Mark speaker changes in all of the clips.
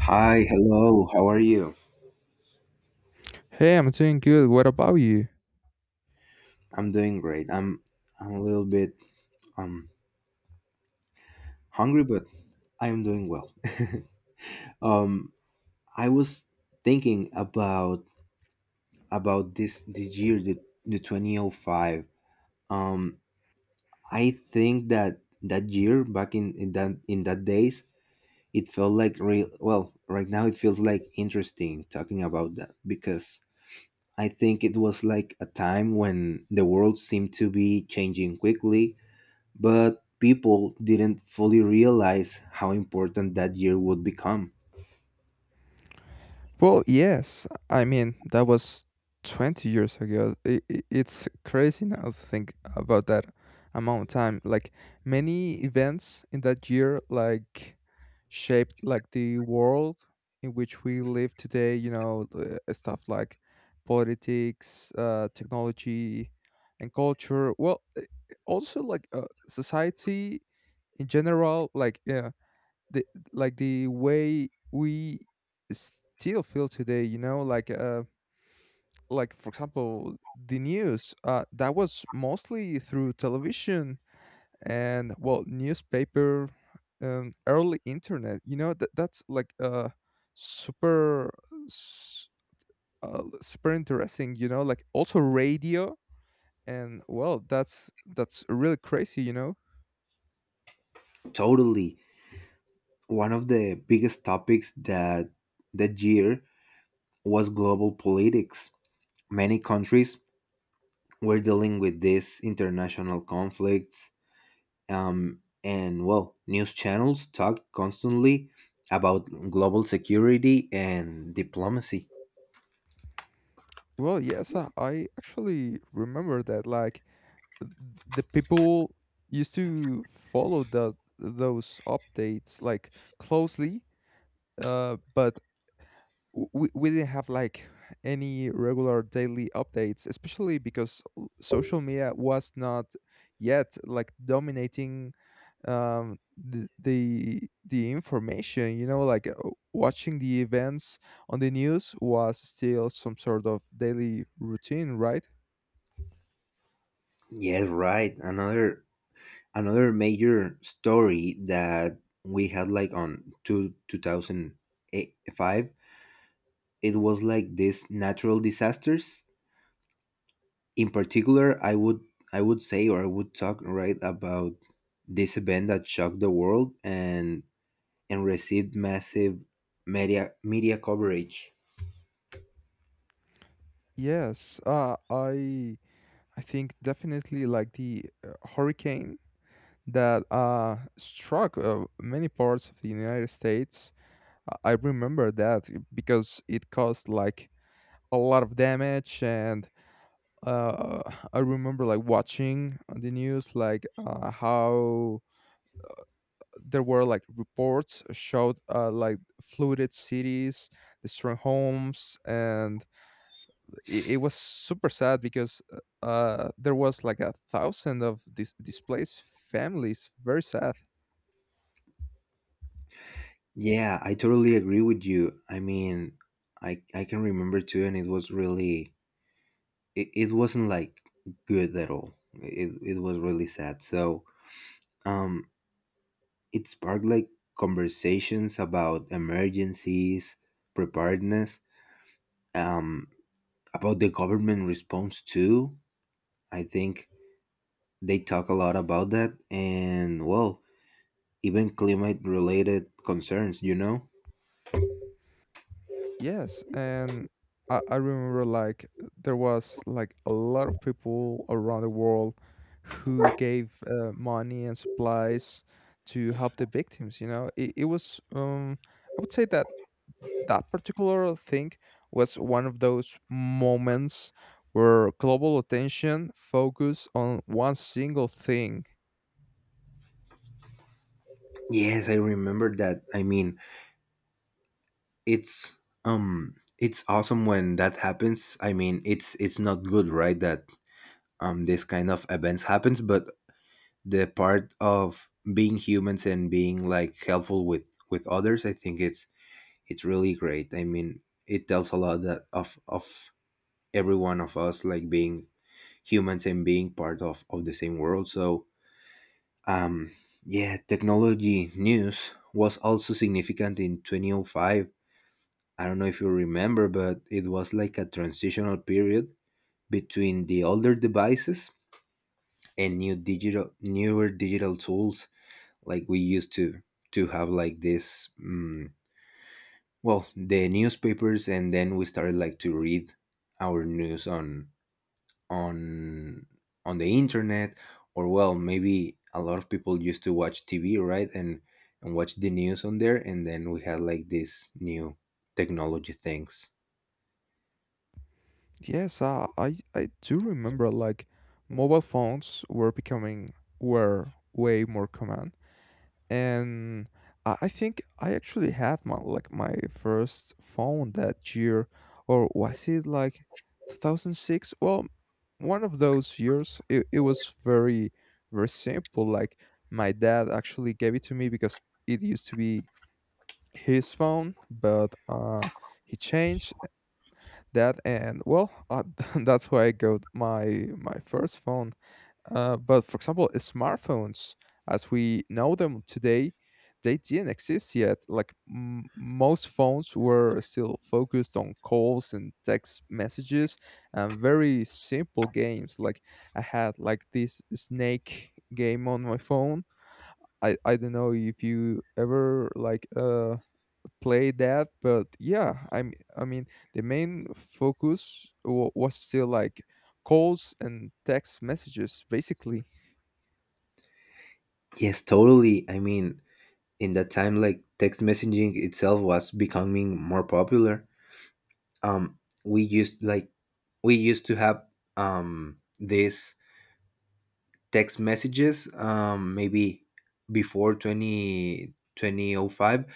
Speaker 1: Hi, hello. How are you?
Speaker 2: Hey, I'm doing good. What about you?
Speaker 1: I'm doing great. I'm a little bit um hungry, but I'm doing well. um, I was thinking about this year, the 2005. Um, I think that that year back in that days, it felt like real. Well, right now it feels like interesting talking about that because I think it was like a time when the world seemed to be changing quickly but people didn't fully realize how important that year would become.
Speaker 2: Well, yes. That was 20 years ago. I it's crazy now to think about that amount of time. Many events in that year, shaped, the world in which we live today, stuff like politics, technology, and culture. Well, also, society in general, yeah, the, like the way we still feel today, like for example the news, that was mostly through television, and well, newspaper, early internet. That's like super s- super interesting. Like also radio. And well, that's really crazy,
Speaker 1: Totally. One of the biggest topics that year was global politics. Many countries were dealing with these international conflicts, and well, news channels talked constantly about global security and diplomacy.
Speaker 2: Well, yes, I actually remember that. Like, the people used to follow the those updates like closely, but we didn't have like any regular daily updates, especially because social media was not yet like dominating the information. Watching the events on the news was still some sort of daily routine, right?
Speaker 1: Yes, right. Another major story that we had like on 2005. It was like these natural disasters. In particular, I would say, or I would talk, right, about this event that shocked the world and received massive media coverage.
Speaker 2: Yes, I think definitely like the, hurricane that, struck, many parts of the United States. I remember that because it caused like a lot of damage, and uh, I remember like watching the news, how there were like reports showed, like flooded cities, destroyed homes, and it was super sad because there was like a thousand of displaced families. Very sad.
Speaker 1: Yeah, I totally agree with you. I mean, I can remember too, and it was really it wasn't like good at all. It was really sad, so um, it sparked like conversations about emergencies, preparedness, um, about the government response too. I think they talk a lot about that, and well, even climate related concerns. You know?
Speaker 2: Yes, and I remember like there was like a lot of people around the world who gave, money and supplies to help the victims. It was, I would say that that particular thing was one of those moments where global attention focused on one single thing.
Speaker 1: Yes, I remember that. I mean, it's it's awesome when that happens. I mean, it's not good, right? That, this kind of events happens, but the part of being humans and being like helpful with others, I think it's really great. I mean, it tells a lot that of every one of us, like being humans and being part of the same world, so um yeah, technology news was also significant in 2005. I don't know if you remember, but it was like a transitional period between the older devices and newer digital tools. Like, we used to have like this, well, the newspapers, and then we started like to read our news on on the internet. Or well, maybe a lot of people used to watch TV, right, and watch the news on there, and then we had like this new technology things.
Speaker 2: Yes, I do remember like mobile phones were becoming, were way more common, and I think I actually had my, like my first phone that year. Or was it like 2006? Well, one of those years. It was very, very simple. Like, my dad actually gave it to me because it used to be his phone, but he changed that. And well, that's why I got my, my first phone. But for example, smartphones as we know them today, they didn't exist yet. Like, most phones were still focused on calls and text messages and very simple games. Like, I had like this snake game on my phone. I don't know if you ever like, play that, but yeah, I mean the main focus was still like calls and text messages, basically.
Speaker 1: Yes, totally. I mean, in that time, like text messaging itself was becoming more popular. um we used like we used to have, these text messages, maybe before twenty twenty o five,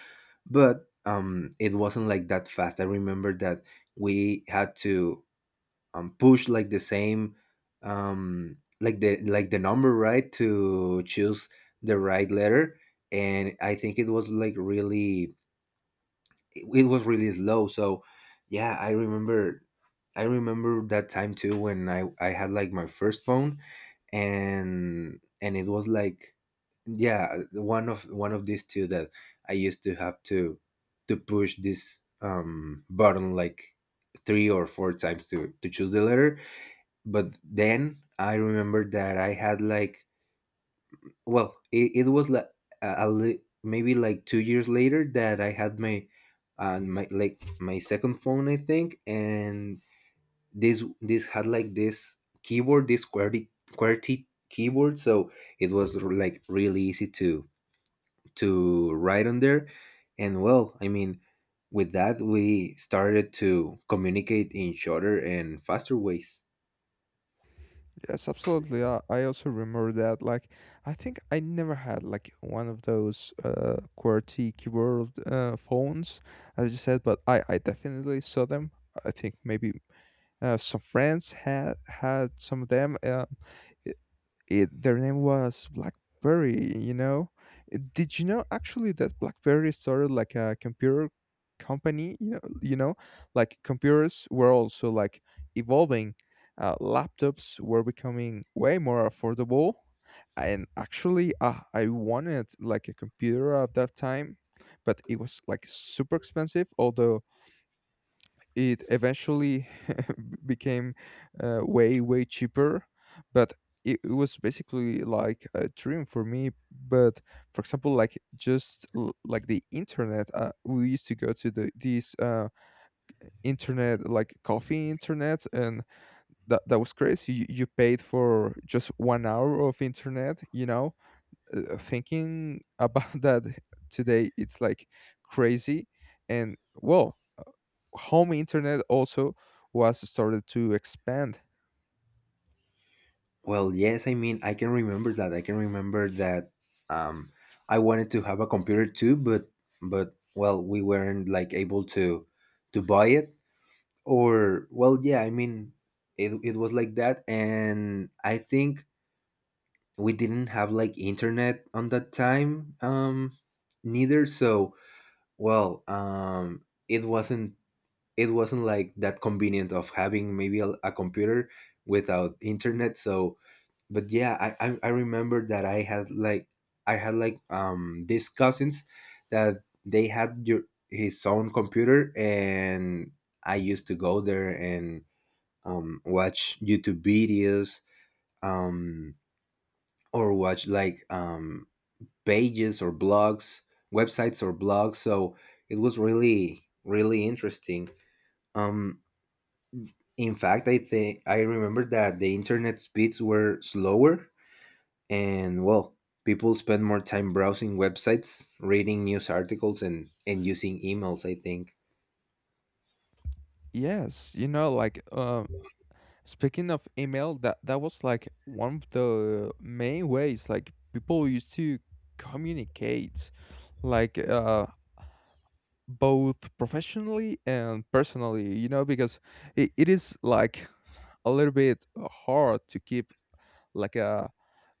Speaker 1: but, it wasn't like that fast. I remember that we had to, push like the same, like the number, right, to choose the right letter, and I think it was like really it was really slow, so yeah. I remember that time too, when I had like my first phone. And it was like, yeah, one of these two that I used to have to push this, button, like three or four times to choose the letter. But then I remember that I had like, well, it was like maybe like 2 years later that I had my, my second phone, I think. And this had like this keyboard, this qwerty keyboard, so it was like really easy to write on there. And well, I mean, with that, we started to communicate in shorter and faster ways.
Speaker 2: Yes, absolutely. I also remember that. Like, I think I never had like one of those, QWERTY keyboard, phones as you said, but I definitely saw them. I think maybe, some friends had some of them. It, their name was BlackBerry. Did you know actually that BlackBerry started like a computer company? Like computers were also like evolving. Laptops were becoming way more affordable, and actually, I wanted like a computer at that time, but it was like super expensive. Although it eventually became, way cheaper. But it was basically like a dream for me. But for example, like, just like the internet, we used to go to these internet like coffee internet. And that was crazy. You paid for just 1 hour of internet. Thinking about that today, it's like crazy. And well, home internet also was started to expand.
Speaker 1: Well, yes, I mean, I can remember that. I can remember that, um, I wanted to have a computer too, but well, we weren't like able to buy it. Or well, yeah, I mean, it was like that, and I think we didn't have like internet on that time, neither, so. Well, it wasn't like that convenient of having maybe a computer without internet, so. But yeah, I remember that I had like, these cousins, that they had your his own computer, and I used to go there and watch YouTube videos, um or watch like, pages or blogs websites or blogs, so it was really really interesting. um in fact, I think I remember that the internet speeds were slower. And well, people spend more time browsing websites, reading news articles, and using emails, I think.
Speaker 2: Yes, speaking of email, that that was like one of the main ways like people used to communicate, like uh both professionally and personally. Because it is like a little bit hard to keep like a,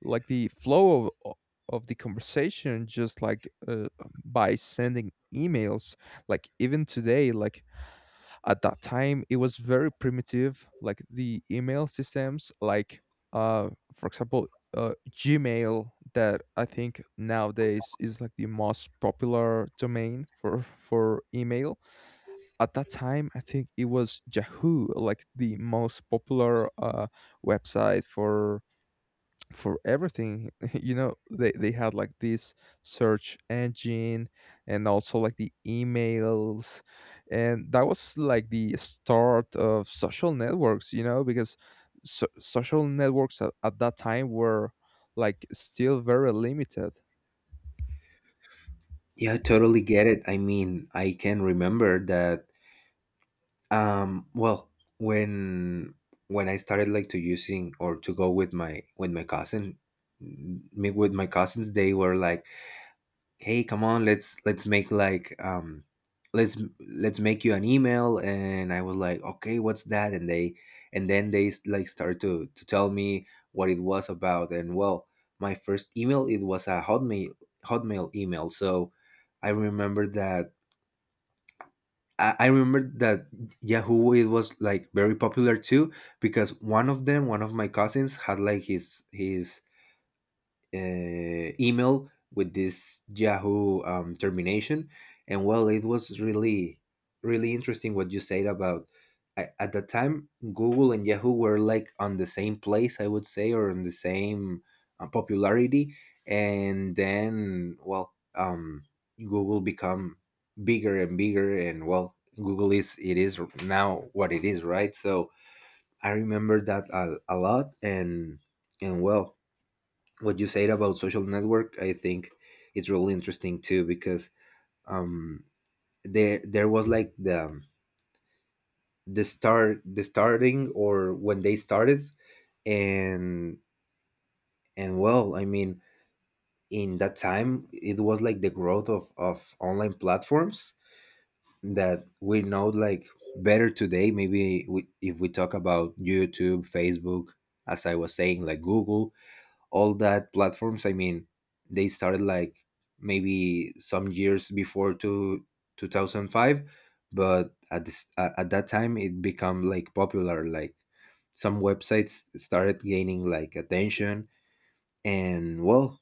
Speaker 2: like the flow of the conversation, just by sending emails. Like even today, like at that time, it was very primitive. Like the email systems, uh for example, Gmail that I think nowadays is like the most popular domain for email. At that time, I think it was Yahoo, like the most popular, website for everything. They had like this search engine and also like the emails. And that was like the start of social networks. Because social networks at that time were like still very limited.
Speaker 1: Yeah, I totally get it. I mean, I can remember that, well, when when I started like to using, or to go m- with my cousins, they were like, hey, come on, let's make like let's make you an email. And I was like, okay, what's that? And then they like start to tell me what it was about. And well, my first email, it was a Hotmail email. So I remember that. I remember that Yahoo, it was like very popular too, because one of my cousins had like his email with this Yahoo, termination. And well, it was really, really interesting what you said about, at the time Google and Yahoo were like on the same place, I would say, or on the same, popularity. And then, well, Google become bigger and bigger, and well, Google is now what it is, right? So I remember that a lot. And well, what you said about social network, I think it's really interesting too, because um there was like the, the start the starting, or when they started. And and well, I mean, in that time, it was like the growth of online platforms that we know like better today. Maybe, if we talk about YouTube, Facebook, as I was saying, like Google, all that platforms. I mean, they started like maybe some years before, to 2005, but at this at that time, it become like popular, like some websites started gaining like attention. And well,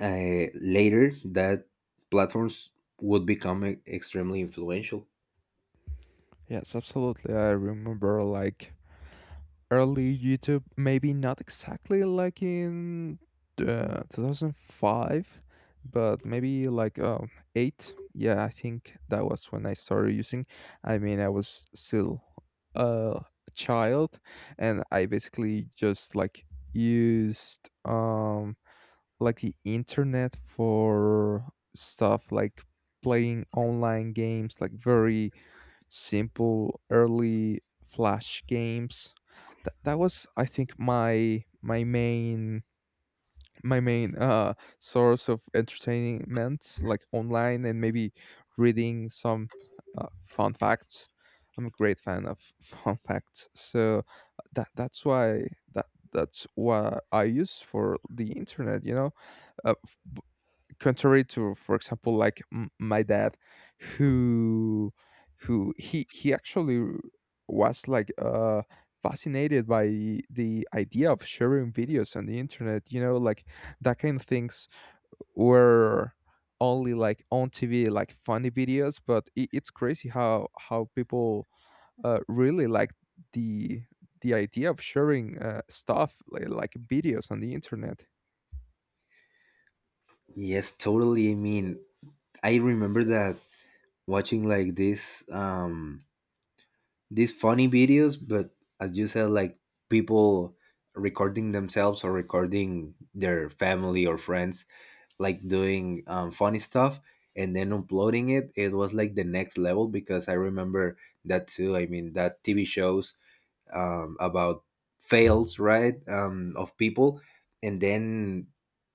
Speaker 1: later, that platforms would become extremely influential.
Speaker 2: Yes, absolutely, I remember like early YouTube, maybe not exactly like in, 2005, but maybe like, 8. Yeah, I think that was when I started using. I mean, I was still a child, and I basically just like used, like the internet for stuff like playing online games, like very simple early flash games. That was, I think, my main, source of entertainment like online, and maybe reading some, fun facts. I'm a great fan of fun facts. So that that's why that that's what I use for the internet, Uh, f- Contrary to, for example, like my dad, who who he actually was like, fascinated by the idea of sharing videos on the internet. Like, that kind of things were only like on TV, like funny videos. But it's crazy how people, really like the the idea of sharing, stuff like videos on the internet.
Speaker 1: Yes, totally. I mean, I remember that watching like this, these funny videos. But as you said, like, people recording themselves or recording their family or friends, like doing, funny stuff, and then uploading it. It was like the next level, because I remember that too. I mean, that TV shows, about fails, right, of people, and then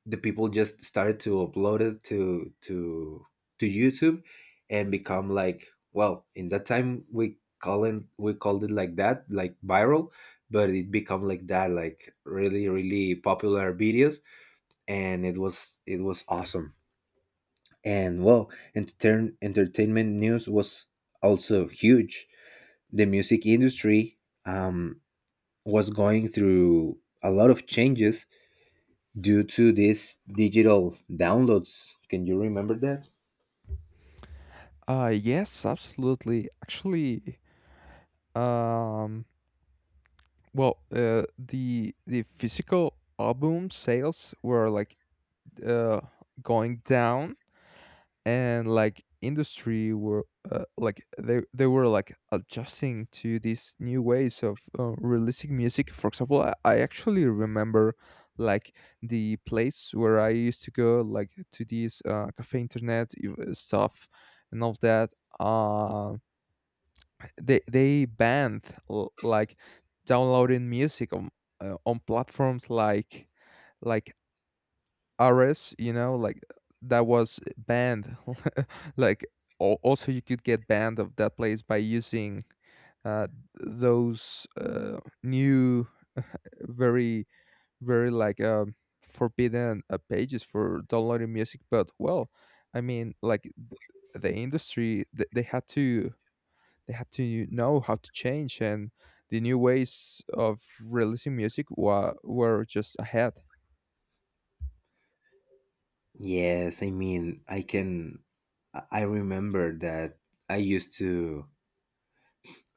Speaker 1: the people just started to upload it to YouTube, and become like, well, in that time, we call it we called it like that, like viral. But it become like that, like really really popular videos. And it was awesome. And well, entertainment news was also huge. The music industry, um was going through a lot of changes due to these digital downloads. Can you remember that?
Speaker 2: Yes, absolutely. Actually, Um, well, the physical album sales were like, uh going down, and like industry were, like they were like adjusting to these new ways of, releasing music. For example, I actually remember like the place where I used to go, like to these, cafe internet, stuff, and all that. Um, they banned like downloading music on, on platforms like Ares, you know, like that was banned. Like also you could get banned of that place by using, uh those, new very, very like, forbidden, pages for downloading music. But well, I mean, like, the industry they had to, they had to know how to change. And the new ways of releasing music were just ahead.
Speaker 1: Yes, I mean, I can. I remember that. I used to.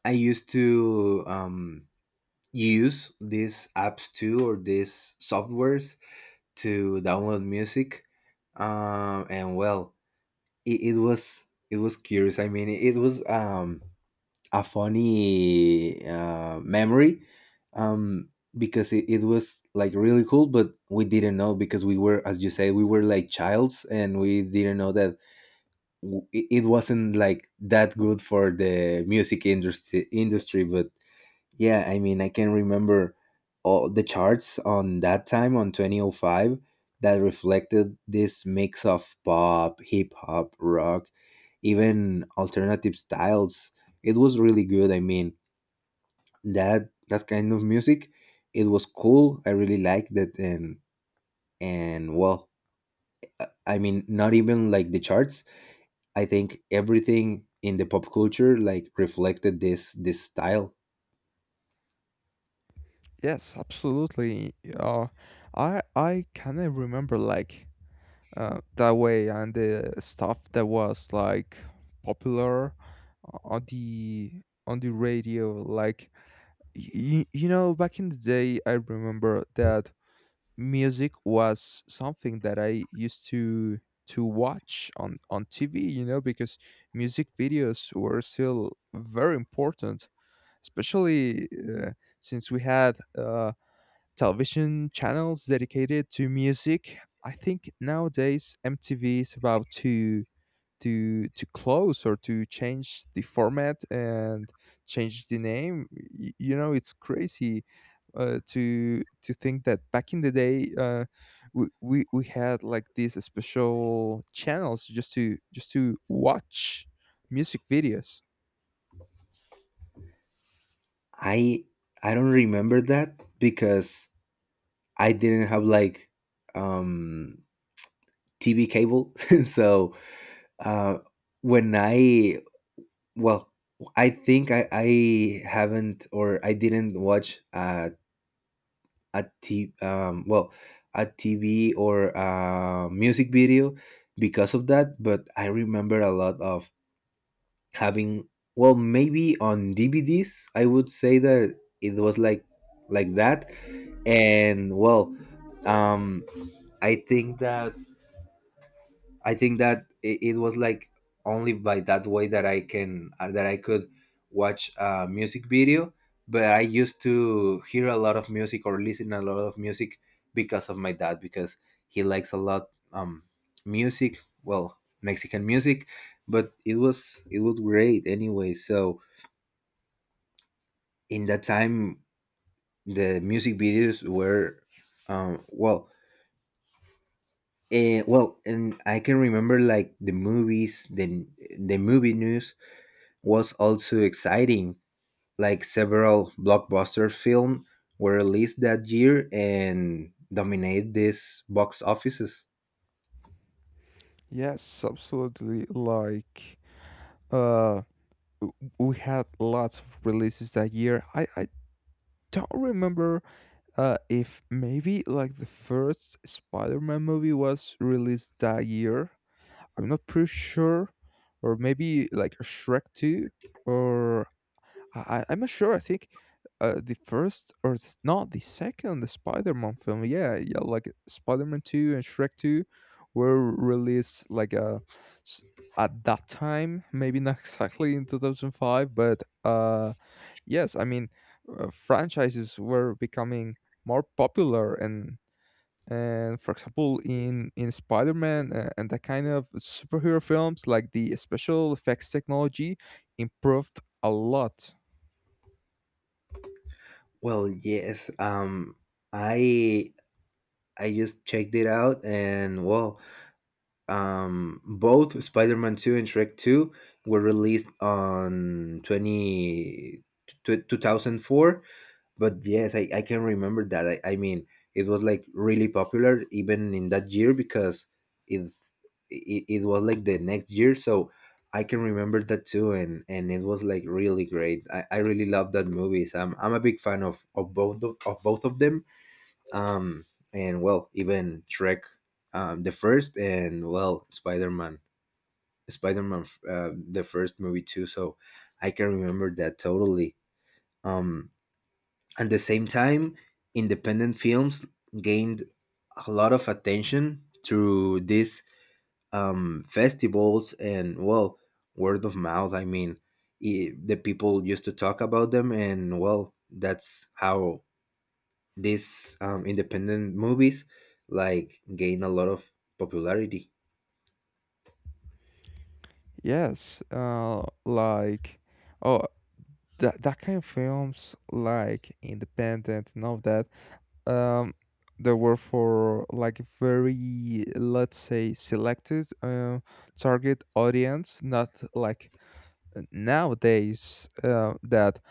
Speaker 1: I used to, use these apps too, or these softwares to download music, and well, it was curious. I mean, it was, a funny, memory, um, because it was like really cool. But we didn't know, because we were, as you say, we were like childs, and we didn't know that it wasn't like that good for the music industry. But yeah, I mean, I can remember all the charts on that time on 2005 that reflected this mix of pop, hip hop, rock, even alternative styles. It was really good. I mean, that that kind of music, it was cool. I really liked it. And well, I mean not even like the charts. I think everything in the pop culture, like, reflected this style.
Speaker 2: Yes, absolutely. Uh, i i kind of remember like, that way, and the stuff that was like popular on the, on the radio. Like, you know, back in the day, I remember that music was something that I used to watch on TV, you know, because music videos were still very important, especially, since we had, television channels dedicated to music. I think nowadays MTV is about to close, or to change the format and change the name. You know, it's crazy, to think that back in the day, we, we had like these special channels just to, just to watch music videos.
Speaker 1: I i don't remember that, because I didn't have like, um TV cable. So uh when I well I think I haven't, or I didn't watch, well, a TV or a music video because of that. But I remember a lot of having, well, maybe on DVDs. I would say that it was like that. And well, um, I think that I think that it was like only by that way that I can that I could watch a music video. But I used to hear a lot of music, or listen a lot of music, because of my dad, because he likes a lot, music. Well, Mexican music. But it was great anyway. So in that time, the music videos were, well. Well, and I can remember like the movies, the movie news was also exciting. Like, several blockbuster films were released that year and dominated these box offices.
Speaker 2: Yes, absolutely, like, uh we had lots of releases that year. I don't remember, if maybe like the first Spider-Man movie was released that year, I'm not pretty sure, or maybe like Shrek Two, or I'm not sure. I think, the first or not the second, the Spider-Man film. Yeah, yeah, like Spider-Man Two and Shrek Two were released like, s- at that time, maybe not exactly in 2005, but Yes, I mean, franchises were becoming more popular. And for example, in Spider-Man, and the kind of superhero films, like the special effects technology improved a lot.
Speaker 1: Well, yes, I I just checked it out. And well, both Spider-Man 2 and Shrek 2 were released on 2004. But yes, I can remember that, I mean, it was like really popular even in that year, because it's it was like the next year. So I can remember that too. And it was like really great. I really love that movies. I'm a big fan of both of them, um and well, even Shrek, the first, and well, Spider-Man, the first movie too. So I can remember that totally. um at the same time, independent films gained a lot of attention through these, festivals and, well, word of mouth. I mean, I the people used to talk about them, and, well, that's how these, independent movies, like, gain a lot of popularity.
Speaker 2: Yes, oh that that kind of films, like Independent and all that, um, they were for like a very, let's say, selected, target audience, not like nowadays, that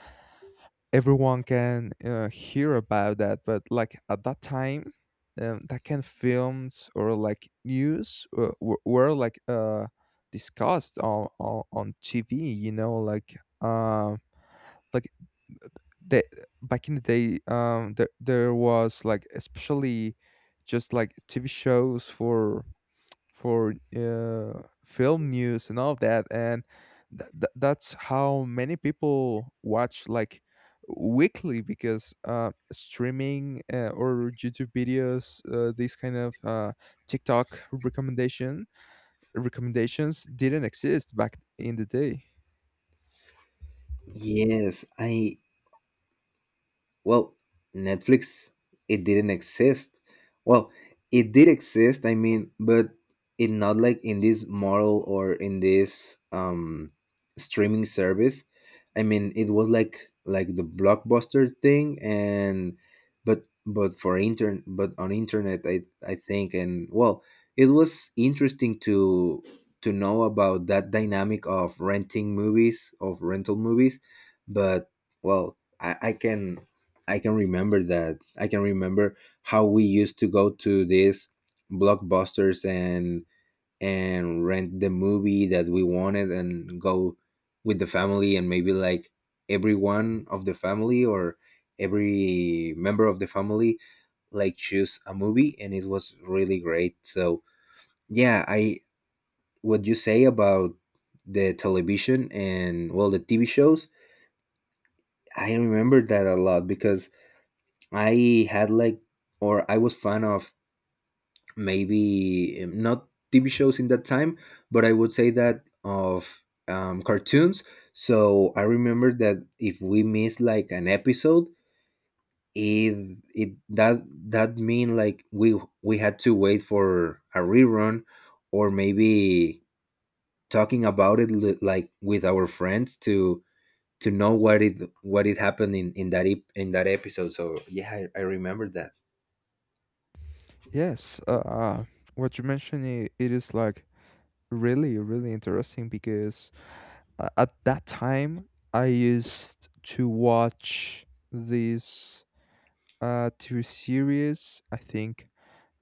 Speaker 2: everyone can, hear about that. But like at that time, that kind of films or like news, were like, discussed on TV. Like, the, back in the day, there, there was like, especially, just like TV shows for, film news and all of that. And that's how many people watch like weekly. Because, streaming, or YouTube videos, these kind of, TikTok recommendation, recommendations didn't exist back in the day.
Speaker 1: Yes, I well, Netflix, it didn't exist. Well, it did exist, I mean, but it not like in this model, or in this, streaming service. I mean, it was like the blockbuster thing, and but for intern but on internet, I think. And well, it was interesting to know about that dynamic of rental movies, but well, I can remember that. I can remember how we used to go to these blockbusters, and rent the movie that we wanted, and go with the family, and maybe like, everyone of the family, or every member of the family, like, choose a movie, and it was really great. So yeah, I what you say about the television, and well, the TV shows, I remember that a lot, because I had like, or I was fan of, maybe, not TV shows in that time, but I would say that of, cartoons. So I remember that if we missed like an episode, it that that mean like we had to wait for a rerun, or maybe talking about it, like with our friends to know what it, happened in that episode. So yeah, I remember that.
Speaker 2: Yes, what you mentioned, I it is like really, really interesting, because at that time, I used to watch this, TV series. I think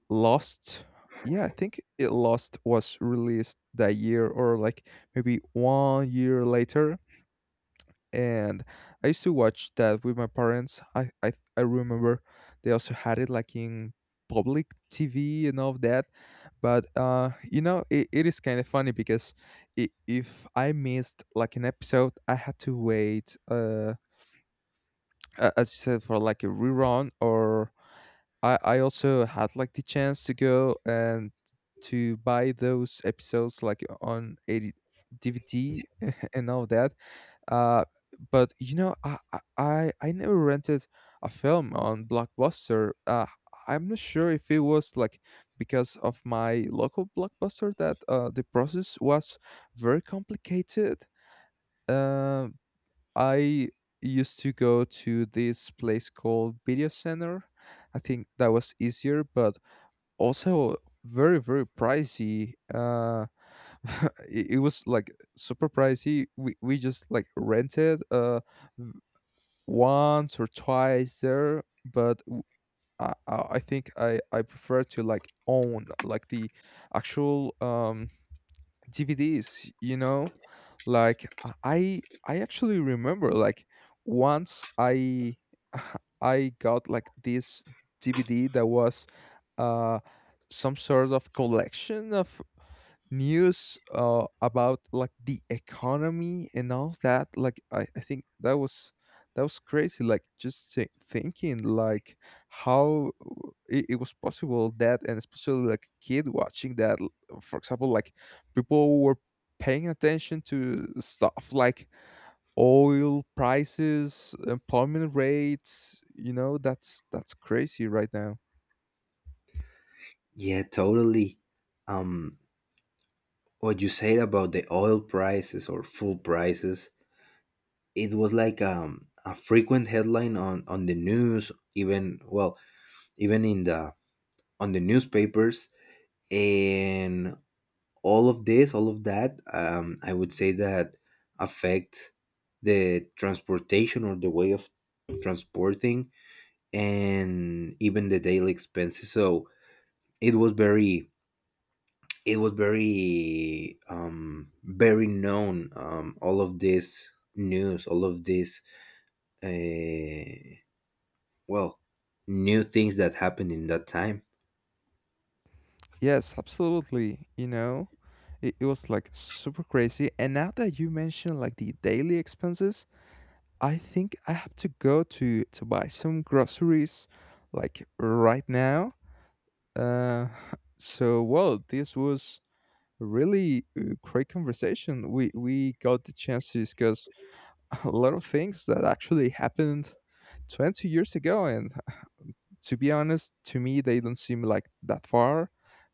Speaker 2: Lost. Yeah, I think it Lost was released that year, or like maybe 1 year later. And I used to watch that with my parents. I remember they also had it like in public TV and all of that. But you know, it is kind of funny, because I if I missed like an episode, I had to wait, as you said, for like a rerun, or I also had like the chance to go, and to buy those episodes like on a DVD and all that. uh, but you know, I never rented a film on Blockbuster. I'm not sure if it was like because of my local Blockbuster that, the process was very complicated. Uh, I used to go to this place called Video Center. I think that was easier, but also very, very pricey. It was like super pricey. We just like rented, v- once or twice there, but w- I think I prefer to like own like the actual, DVDs, you know? Like I actually remember like, once I I got like this DVD that was, uh some sort of collection of news, about like the economy and all that. Like I think that was, that was crazy. Like, just thinking like how, it was possible that. And especially like kid watching that, for example, like people were paying attention to stuff like oil prices, employment rates, you know, that's crazy right now.
Speaker 1: Yeah, totally. Um, what you said about the oil prices or fuel prices, it was like, a frequent headline on the news, even well, even in the on the newspapers, and all of this, all of that. I would say that affect the transportation, or the way of transporting, and even the daily expenses. So it was very very known, all of this news, all of this, uh well, new things that happened in that time.
Speaker 2: Yes, absolutely, you know. It was like super crazy. And now that you mentioned like the daily expenses, I think I have to go to buy some groceries like right now. Uh so well, this was a really, great conversation. We got the chances, cuz a lot of things that actually happened 20 years ago, and to be honest, to me they don't seem like that far.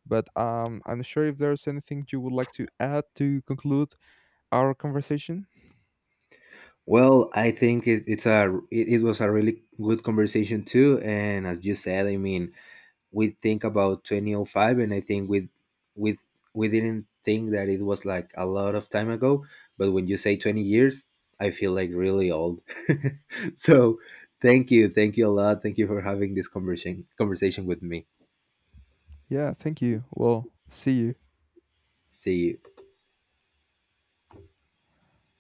Speaker 2: But I'm not sure if there's anything you would like to add to conclude our conversation.
Speaker 1: Well, I think it was a really good conversation too. And as you said, I mean, we think about 2005, and I think we we didn't think that it was like a lot of time ago, but when you say 20 years, I feel like really old. So thank you, thank you a lot, thank you for having this conversation with me.
Speaker 2: Yeah, thank you. Well, see you.
Speaker 1: See you.